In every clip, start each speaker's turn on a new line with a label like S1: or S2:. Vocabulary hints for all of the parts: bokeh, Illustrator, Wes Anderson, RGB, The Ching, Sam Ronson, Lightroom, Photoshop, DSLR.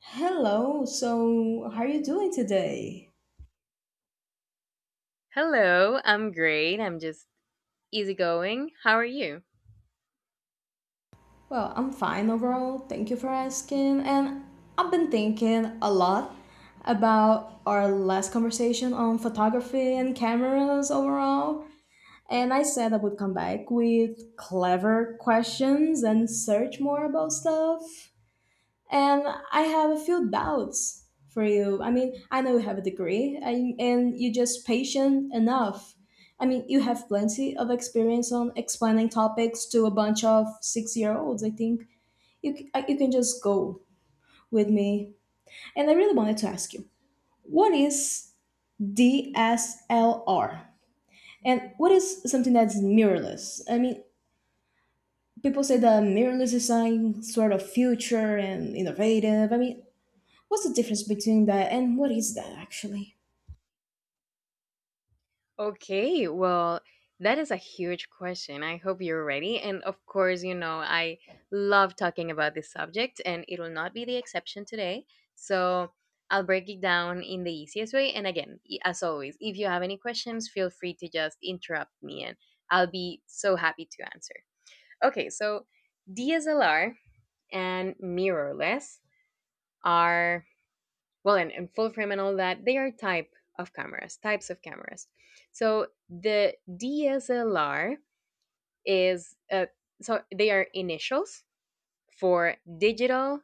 S1: Hello, so how are you doing today?
S2: Hello, I'm great. I'm just easygoing. How are you?
S1: Well, I'm fine overall, thank you for asking. And I've been thinking a lot about our last conversation on photography and cameras overall. And I said I would come back with clever questions and search more about stuff. And I have a few doubts for you. I mean, I know you have a degree and you're just patient enough. I mean, you have plenty of experience on explaining topics to a bunch of 6 year olds. I think you can just go with me. And I really wanted to ask you, what is DSLR? And what is something that's mirrorless? I mean, people say the mirrorless design sort of future and innovative. I mean, what's the difference between that, and what is that actually?
S2: Okay, well, that is a huge question. I hope you're ready. And of course, you know, I love talking about this subject, and it will not be the exception today. So I'll break it down in the easiest way. And again, as always, if you have any questions, feel free to just interrupt me, and I'll be so happy to answer. Okay, so DSLR and mirrorless are, well, and full frame and all that, they are type of cameras, types of cameras. So the DSLR is, so they are initials for digital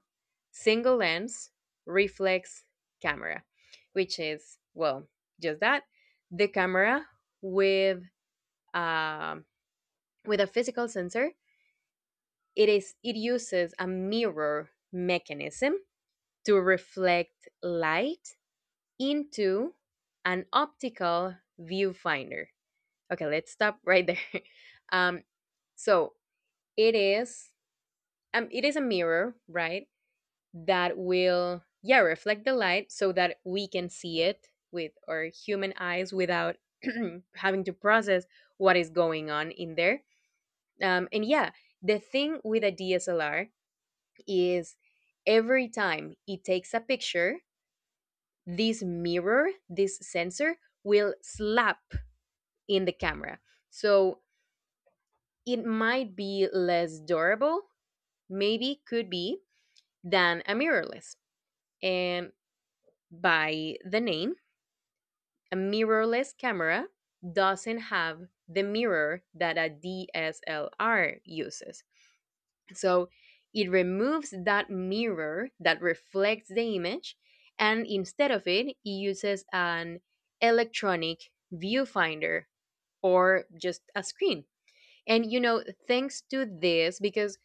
S2: single lens reflex camera, which is, well, just that: the camera with, um, with a physical sensor. It uses a mirror mechanism to reflect light into an optical viewfinder. Okay, let's stop right there. um, so it is, it is a mirror, right? That will, yeah, reflect the light so that we can see it with our human eyes without having to process what is going on in there. And yeah, the thing with a DSLR is, every time it takes a picture, this mirror, this sensor will slap in the camera. So it might be less durable, maybe could be, than a mirrorless. And by the name, a mirrorless camera doesn't have the mirror that a DSLR uses. So it removes that mirror that reflects the image, and instead of it, it uses an electronic viewfinder or just a screen. And you know, thanks to this, because,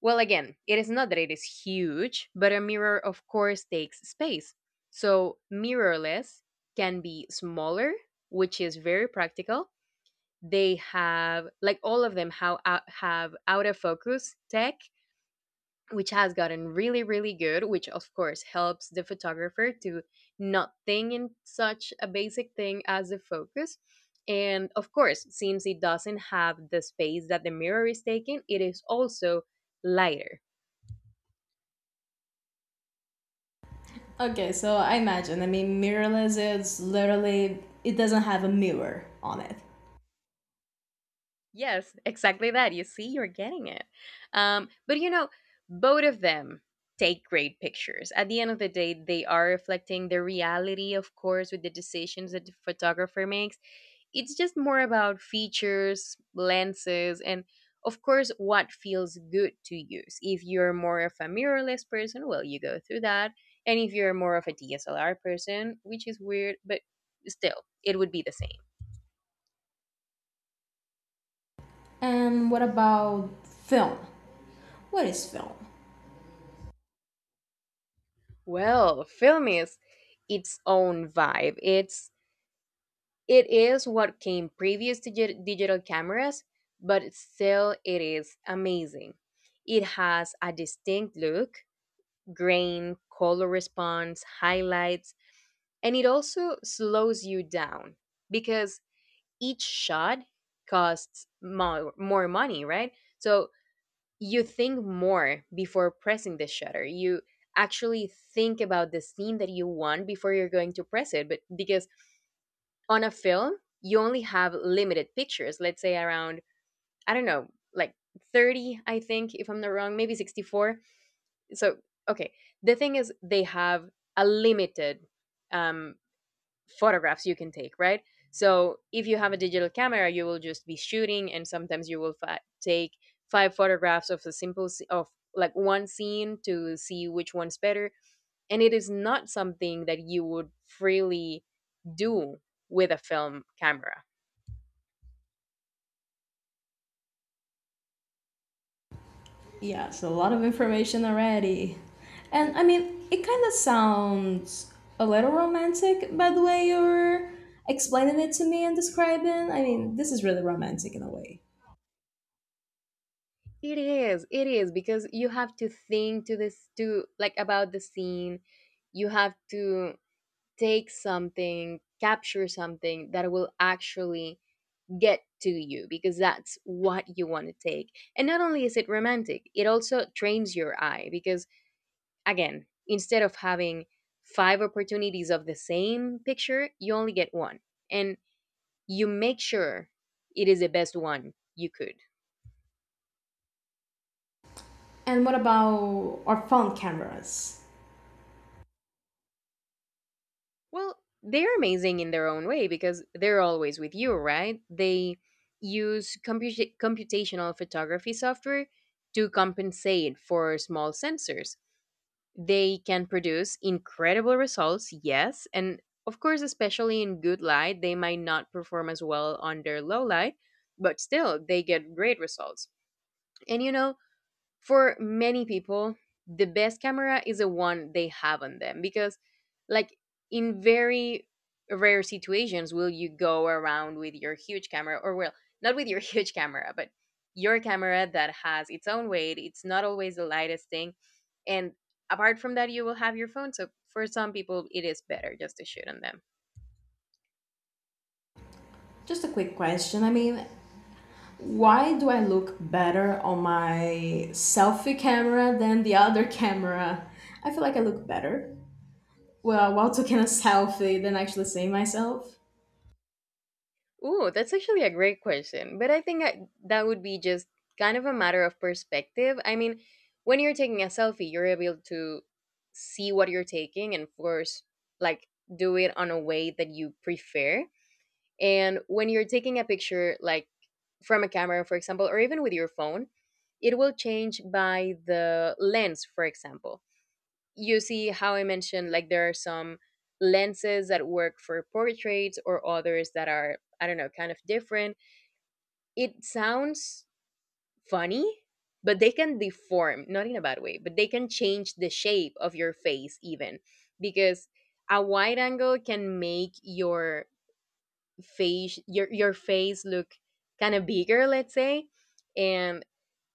S2: well, again, it is not that it is huge, but a mirror, of course, takes space. So mirrorless can be smaller, which is very practical. They have, like all of them, how, have out of focus tech, which has gotten really really good, which of course helps the photographer to not think in such a basic thing as the focus. And of course, since it doesn't have the space that the mirror is taking, it is also lighter.
S1: Okay, so I imagine. I mean, mirrorless is literally, it doesn't have a mirror on it.
S2: Yes, exactly, that, you see, you're getting it. But you know, both of them take great pictures. At the end of the day, they are reflecting the reality, of course with the decisions that the photographer makes. It's just more about features, lenses, and of course what feels good to use. If you're more of a mirrorless person, well, you go through that. And if you're more of a DSLR person, which is weird, but still, it would be the same.
S1: And what about film? What is film?
S2: Well, film is its own vibe. It is what came previous to digital cameras, but still it is amazing. It has a distinct look, grain, color response, highlights, and it also slows you down, because each shot costs more money, right? So you think more before pressing the shutter. You actually think about the scene that you want before you're going to press it. But because on a film, you only have limited pictures, let's say around, I don't know, like 30, I think, if I'm not wrong, maybe 64. So okay, the thing is, they have a limited, um, photographs you can take, right? So if you have a digital camera, you will just be shooting, and sometimes you will take five photographs of a simple s- of like one scene to see which one's better. And it is not something that you would freely do with a film camera.
S1: Yeah, so a lot of information already. And I mean, it kind of sounds a little romantic by the way you're explaining it to me and describing. I mean, this is really romantic in a way.
S2: It is, it is, because you have to think to this to like about the scene. You have to take something, capture something that will actually get to you, because that's what you want to take. And not only is it romantic, it also trains your eye, because again, instead of having five opportunities of the same picture, you only get one. And you make sure it is the best one you could.
S1: And what about our phone cameras?
S2: Well, they're amazing in their own way because they're always with you, right? They use computational photography software to compensate for small sensors. They can produce incredible results, yes, and of course especially in good light. They might not perform as well under low light, but still, they get great results. And you know, for many people, the best camera is the one they have on them, because, like, in very rare situations will you go around with your huge camera. Or well, not with your huge camera, but your camera that has its own weight. It's not always the lightest thing. And apart from that, you will have your phone. So for some people, it is better just to shoot on them.
S1: Just a quick question. I mean, why do I look better on my selfie camera than the other camera? I feel like I look better. Well, while taking a selfie than actually seeing myself.
S2: Ooh, that's actually a great question. But I think that would be just kind of a matter of perspective. I mean, when you're taking a selfie, you're able to see what you're taking and force, like, do it on a way that you prefer. And when you're taking a picture, like from a camera, for example, or even with your phone, it will change by the lens. For example, you see how I mentioned, like there are some lenses that work for portraits or others that are, I don't know, kind of different. It sounds funny, but they can deform, not in a bad way, but they can change the shape of your face even, because a wide angle can make your face, your face look kind of bigger, let's say. And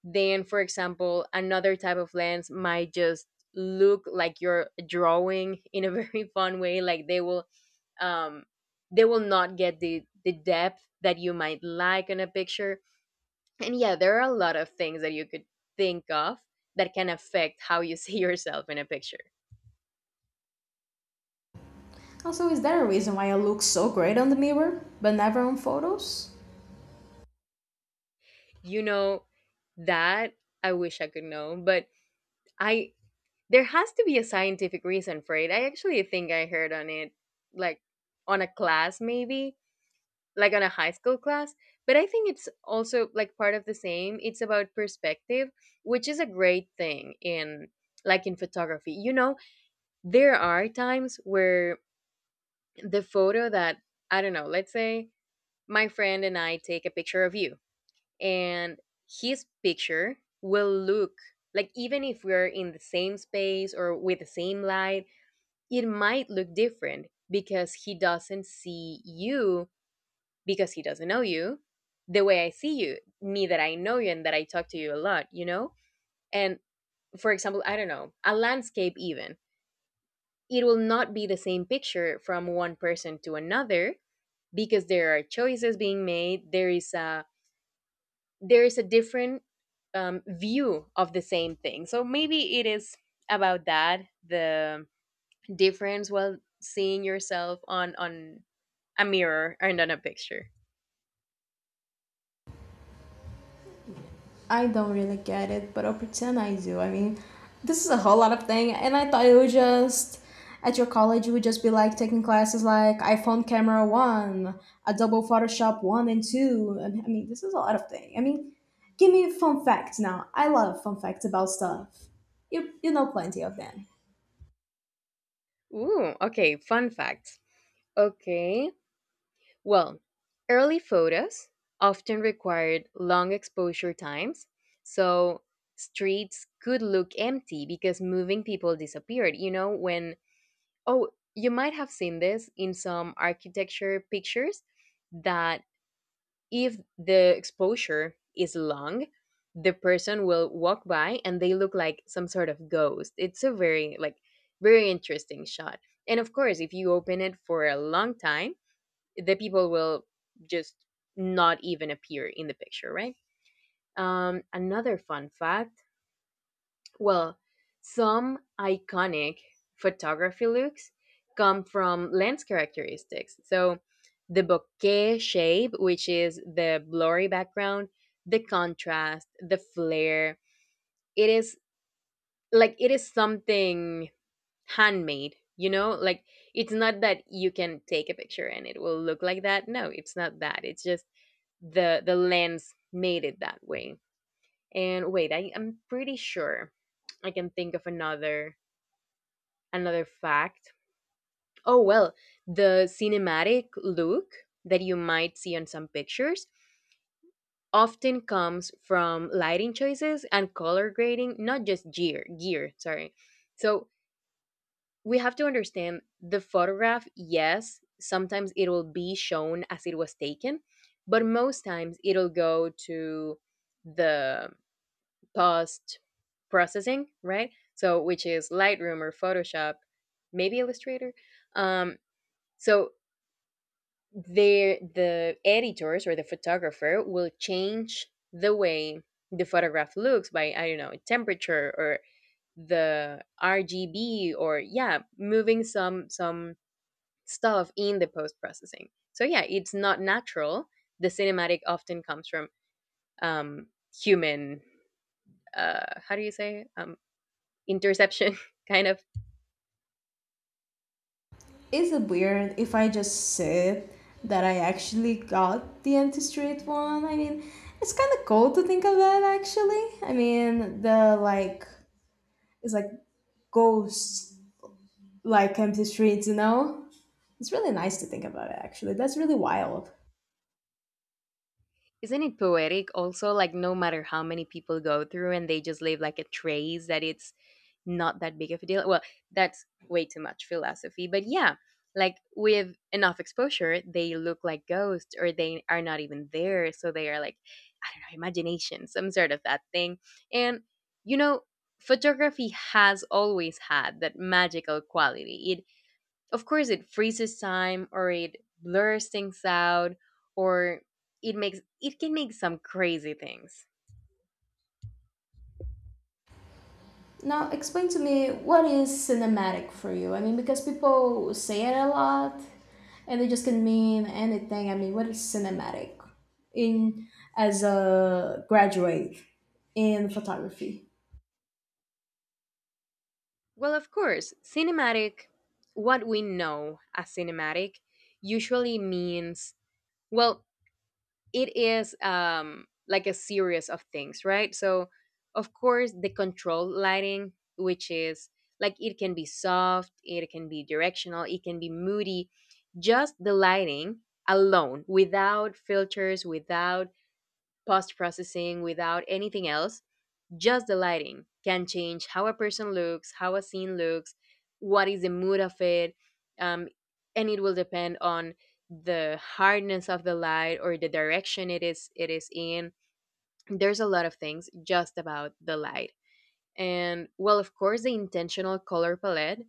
S2: then, for example, another type of lens might just look like you're drawing in a very fun way. Like they will, um they will not get the depth that you might like in a picture. And yeah, there are a lot of things that you could think of that can affect how you see yourself in a picture.
S1: Also, is there a reason why I look so great on the mirror but never on photos?
S2: You know that, I wish I could know, but, I, there has to be a scientific reason for it. I actually think I heard on it, like on a class, maybe, like on a high school class. But I think it's also like part of the same: it's about perspective, which is a great thing in, like, in photography. You know, there are times where the photo that, I don't know, let's say my friend and I take a picture of you, and his picture will look like, even if we're in the same space or with the same light, it might look different because he doesn't see you, because he doesn't know you the way I see you, me that I know you and that I talk to you a lot, you know? And for example, I don't know, a landscape, even, it will not be the same picture from one person to another, because there are choices being made. There is a different, view of the same thing. So maybe it is about that, the difference while seeing yourself on, a mirror and on a picture.
S1: I don't really get it, but I'll pretend I do. I mean, this is a whole lot of thing, and I thought it would just, at your college you would just be like taking classes like iPhone camera one, Adobe Photoshop one and two, and I mean this is a lot of thing. I mean, give me fun facts now. I love fun facts about stuff. You know plenty of them.
S2: Ooh, okay, fun facts. Okay, well, early photos often required long exposure times, so streets could look empty because moving people disappeared. You know, when, oh, you might have seen this in some architecture pictures, that if the exposure is long, the person will walk by and they look like some sort of ghost. It's a very, like, very interesting shot. And of course, if you open it for a long time, the people will just not even appear in the picture, right? Another fun fact, well, some iconic photography looks come from lens characteristics. So the bokeh shape, which is the blurry background, the contrast, the flare. It is, like, it is something handmade, you know? Like it's not that you can take a picture and it will look like that. No, it's not that. It's just the lens made it that way. And wait, I'm pretty sure I can think of another, another fact. Oh well, the cinematic look that you might see on some pictures often comes from lighting choices and color grading, not just gear, sorry. So we have to understand the photograph. Yes, sometimes it will be shown as it was taken, but most times it'll go to the post processing, right? So, which is Lightroom or Photoshop, maybe Illustrator. Um, so the editors or the photographer will change the way the photograph looks by, I don't know, temperature or the RGB, or yeah, moving some stuff in the post processing. So yeah, it's not natural. The cinematic often comes from, um, human. How do you say interception kind of.
S1: Is it weird if I just said that I actually got the empty street one? I mean, it's kind of cool to think of that actually. I mean, the, like, it's like ghosts, like empty streets, you know, it's really nice to think about it actually. That's really wild.
S2: Isn't it poetic also, like no matter how many people go through and they just leave like a trace that it's not that big of a deal. Well, that's way too much philosophy, but yeah, like with enough exposure they look like ghosts or they are not even there, so they are like, I don't know, imagination, some sort of that thing. And you know photography has always had that magical quality. It Of course, it freezes time or it blurs things out, or it can make some crazy things.
S1: Now, explain to me, what is cinematic for you? I mean, because people say it a lot and it just can mean anything. I mean, what is cinematic, in, as a graduate in photography?
S2: Well, of course, cinematic, what we know as cinematic usually means, well, it is like a series of things, right? So of course the control lighting, which is like, it can be soft, it can be directional, it can be moody. Just the lighting alone, without filters, without post processing, without anything else, just the lighting can change how a person looks, how a scene looks, what is the mood of it, um, and it will depend on the hardness of the light or the direction it is in. There's a lot of things just about the light. And well, of course, the intentional color palette,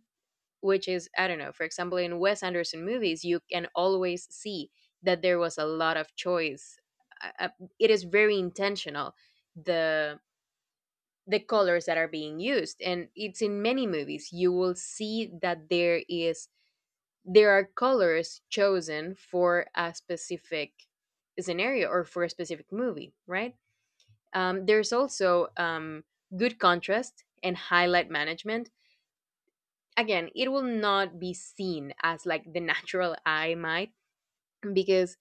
S2: which is, I don't know, for example, in Wes Anderson movies, you can always see that there was a lot of choice. Uh, uh, it is very intentional, the colors that are being used, and it's in many movies you will see that there are colors chosen for a specific scenario or for a specific movie, right? There's also good contrast and highlight management. Again, it will not be seen as like the natural eye might, because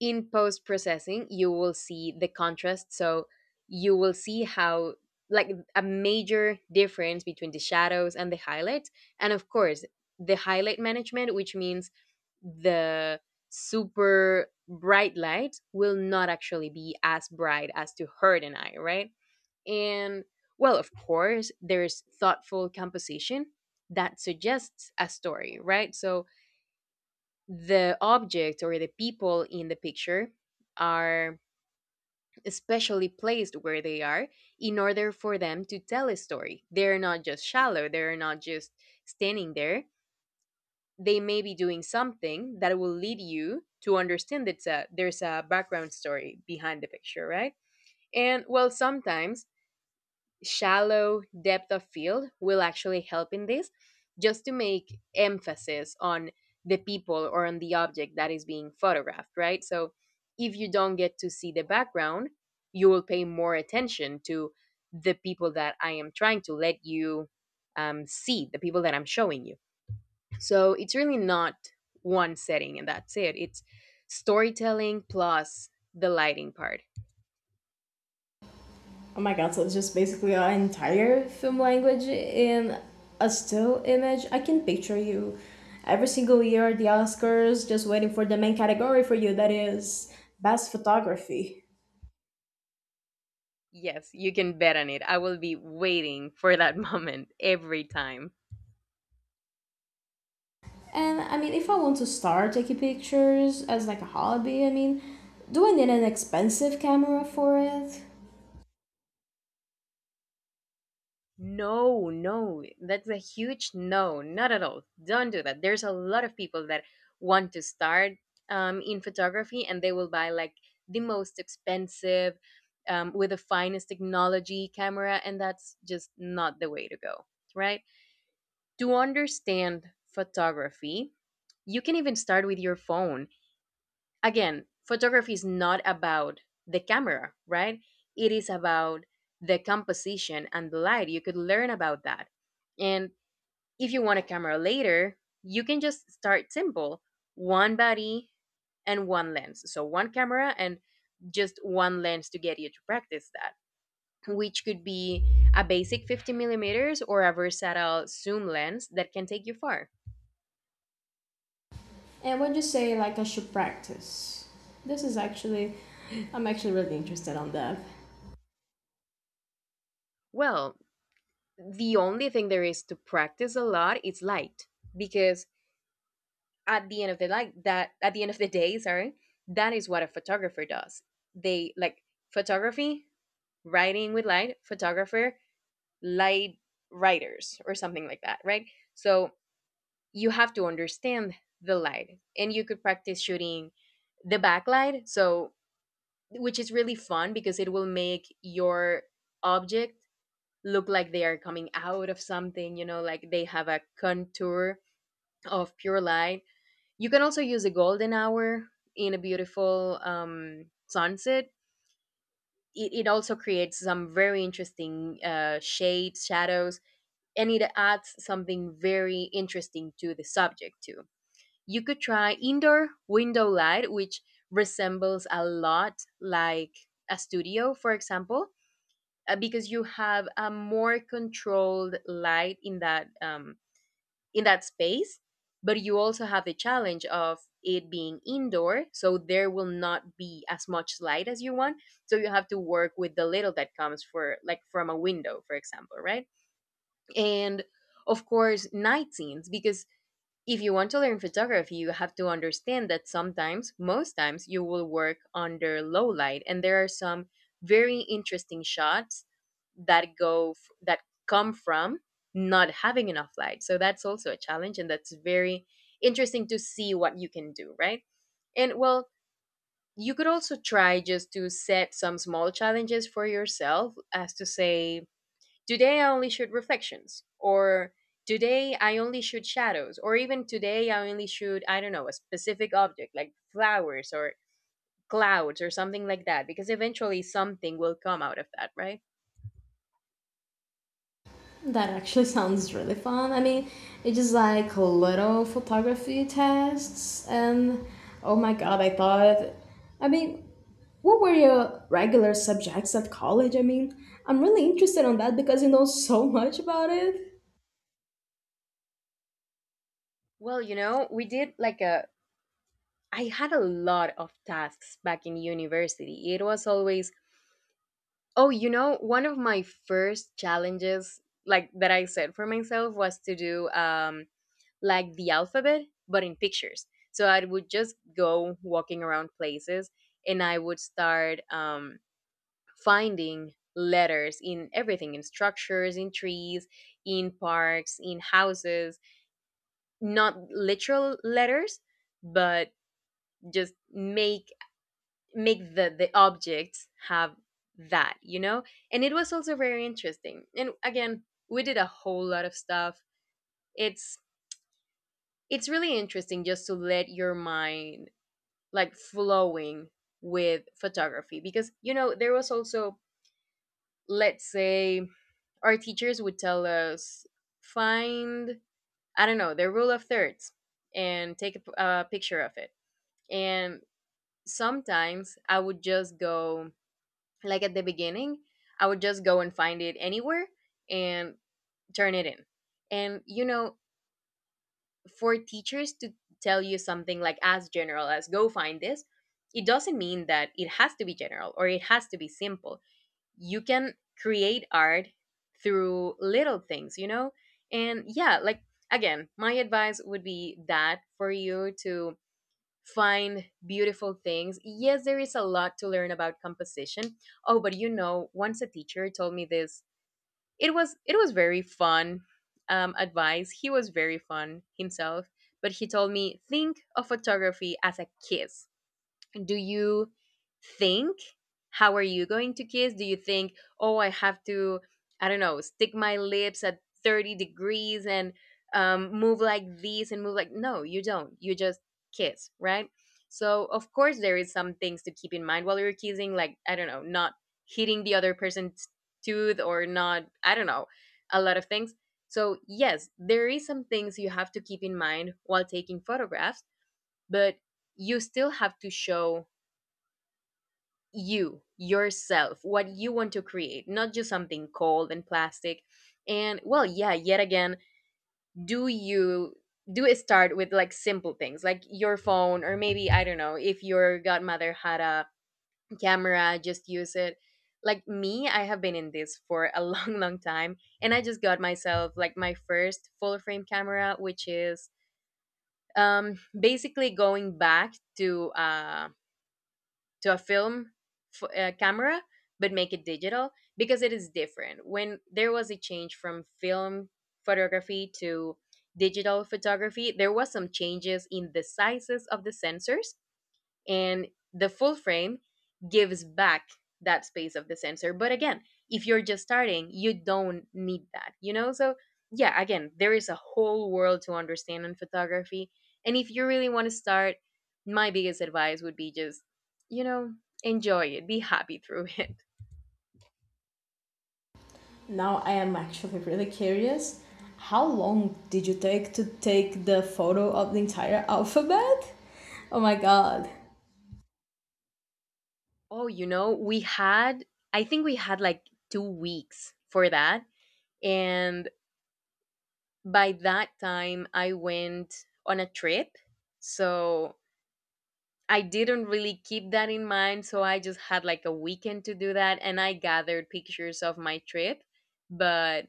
S2: in post processing you will see the contrast, so you will see how, like, a major difference between the shadows and the highlights. And of course the highlight management, which means the super bright light will not actually be as bright as to hurt an eye, right? And well, of course, there's thoughtful composition that suggests a story, right? So the object or the people in the picture are especially placed where they are in order for them to tell a story. They're not just shallow, they're not just standing there. They may be doing something that will lead you to understand that there's a background story behind the picture, right? And well, sometimes shallow depth of field will actually help in this, just to make emphasis on the people or on the object that is being photographed, right? So if you don't get to see the background, you will pay more attention to the people that I am trying to let you, see the people that I'm showing you. So it's really not one setting and that's it, it's storytelling plus the lighting part.
S1: Oh my god, so it's just basically an entire film language in a still image. I can picture you every single year at the Oscars just waiting for the main category for you, that is best photography.
S2: Yes, you can bet on it. I will be waiting for that moment every time.
S1: And I mean, if I want to start taking pictures as like a hobby, I mean, do I need an expensive camera for it?
S2: No, no, that's a huge no. Not at all. Don't do that. There's a lot of people that want to start in photography and they will buy like the most expensive, with the finest technology camera, and that's just not the way to go, right? To understand photography, you can even start with your phone. Again, photography is not about the camera, right? It is about the composition and the light. You could learn about that. And if you want a camera later, you can just start simple, one body and one lens. So, one camera and just one lens to get you to practice that, which could be a basic 50 millimeters or a versatile zoom lens that can take you far.
S1: And would you say like I should practice? This is actually, I'm actually really interested on that.
S2: Well, the only thing there is to practice a lot is light, because at the end of the day, sorry, that is what a photographer does. They, like, photography, writing with light, photographer, light writers, or something like that, right? So you have to understand the light, and you could practice shooting the backlight, so, which is really fun because it will make your object look like they are coming out of something, you know, like they have a contour of pure light. You can also use a golden hour in a beautiful sunset. It also creates some very interesting shades, shadows, and it adds something very interesting to the subject, too. You could try indoor window light, which resembles a lot, like, a studio, for example, because you have a more controlled light in that, in that space, but you also have the challenge of it being indoor, so there will not be as much light as you want, so you have to work with the little that comes for, like, from a window for example, right? And of course night scenes, because if you want to learn photography, you have to understand that sometimes, most times, you will work under low light, and there are some very interesting shots that come from not having enough light. So that's also a challenge, and that's very interesting to see what you can do, right? And well, you could also try just to set some small challenges for yourself, as to say, today I only shoot reflections, or today I only shoot shadows, or even today I only shoot, I don't know, a specific object like flowers or clouds or something like that, because eventually something will come out of that, right?
S1: That actually sounds really fun. I mean, it's just like little photography tests, and oh my god, I thought. I mean, what were your regular subjects at college? I mean, I'm really interested on that because you know so much about it.
S2: Well, you know, we did like a, I had a lot of tasks back in university. It was always, oh, you know, one of my first challenges, like that I set for myself was to do, like, the alphabet, but in pictures. So I would just go walking around places and I would start finding letters in everything, in structures, in trees, in parks, in houses, not literal letters, but just make the objects have that, you know? And it was also very interesting, and again, we did a whole lot of stuff. it's it's really interesting just to let your mind, like, flowing with photography, because you know there was also, let's say, our teachers would tell us, find, I don't know, the rule of thirds and take a picture of it. And sometimes I would just go, like at the beginning, I would just go and find it anywhere and turn it in, and, you know, for teachers to tell you something like as general as go find this, it doesn't mean that it has to be general or it has to be simple. You can create art through little things, you know? And yeah, like, again, my advice would be that for you to find beautiful things. Yes, there is a lot to learn about composition. Oh, but you know, once a teacher told me this, it was very fun advice. He was very fun himself, but he told me, think of photography as a kiss. Do you think, how are you going to kiss? Do you think, oh, I have to, I don't know, stick my lips at 30 degrees and move like this and move like, no, you don't, you just kiss, right? So of course there is some things to keep in mind while you're kissing, like, I don't know, not hitting the other person's tooth or not, I don't know, a lot of things. So yes, there is some things you have to keep in mind while taking photographs, but you still have to show, you yourself, what you want to create, not just something cold and plastic. And well, yeah, yet again, do you do it, start with like simple things like your phone, or maybe, I don't know, if your godmother had a camera, just use it. Like me, I have been in this for a long long time, and I just got myself, like, my first full frame camera, which is basically going back to a film camera, but make it digital. Because it is different, when there was a change from film photography to digital photography there was some changes in the sizes of the sensors, and the full frame gives back that space of the sensor. But again, if you're just starting you don't need that, you know? So yeah, again, there is a whole world to understand in photography, and if you really want to start, my biggest advice would be just, you know, enjoy it, be happy through it.
S1: Now I am actually really curious. How long did you take to take the photo of the entire alphabet? Oh my god,
S2: Oh, you know, we had, I think we had like 2 weeks for that, and by that time I went on a trip, so I didn't really keep that in mind, so I just had like a weekend to do that and I gathered pictures of my trip. But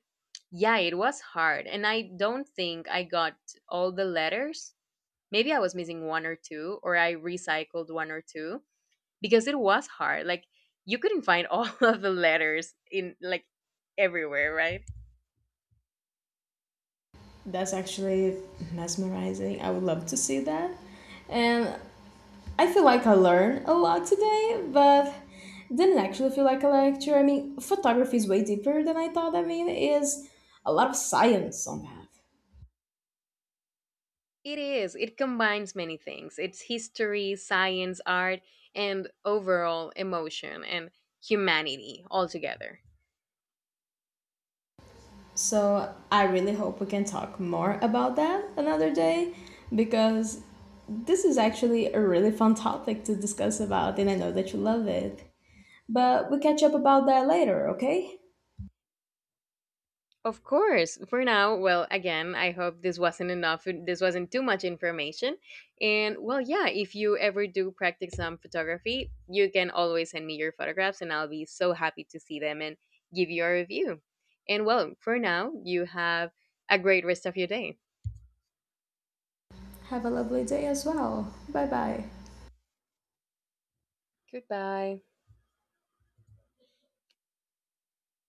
S2: yeah, it was hard. And I don't think I got all the letters. Maybe I was missing one or two, or I recycled one or two because it was hard. Like, you couldn't find all of the letters in like everywhere, right?
S1: that's actually mesmerizing. I would love to see that. And I feel like I learned a lot today, but didn't actually feel like a lecture. I mean, photography is way deeper than I thought. I mean, it is a lot of science on that.
S2: It is. It combines many things. It's history, science, art, and overall emotion and humanity all together.
S1: So I really hope we can talk more about that another day, because this is actually a really fun topic to discuss about, and I know that you love it. But we'll catch up about that later, okay?
S2: Of course. For now, well, again, I hope this wasn't enough. This wasn't too much information. And well, yeah, if you ever do practice some photography, you can always send me your photographs and I'll be so happy to see them and give you a review. And well, for now, you have a great rest of your day.
S1: Have a lovely day as well. Bye bye.
S2: Goodbye.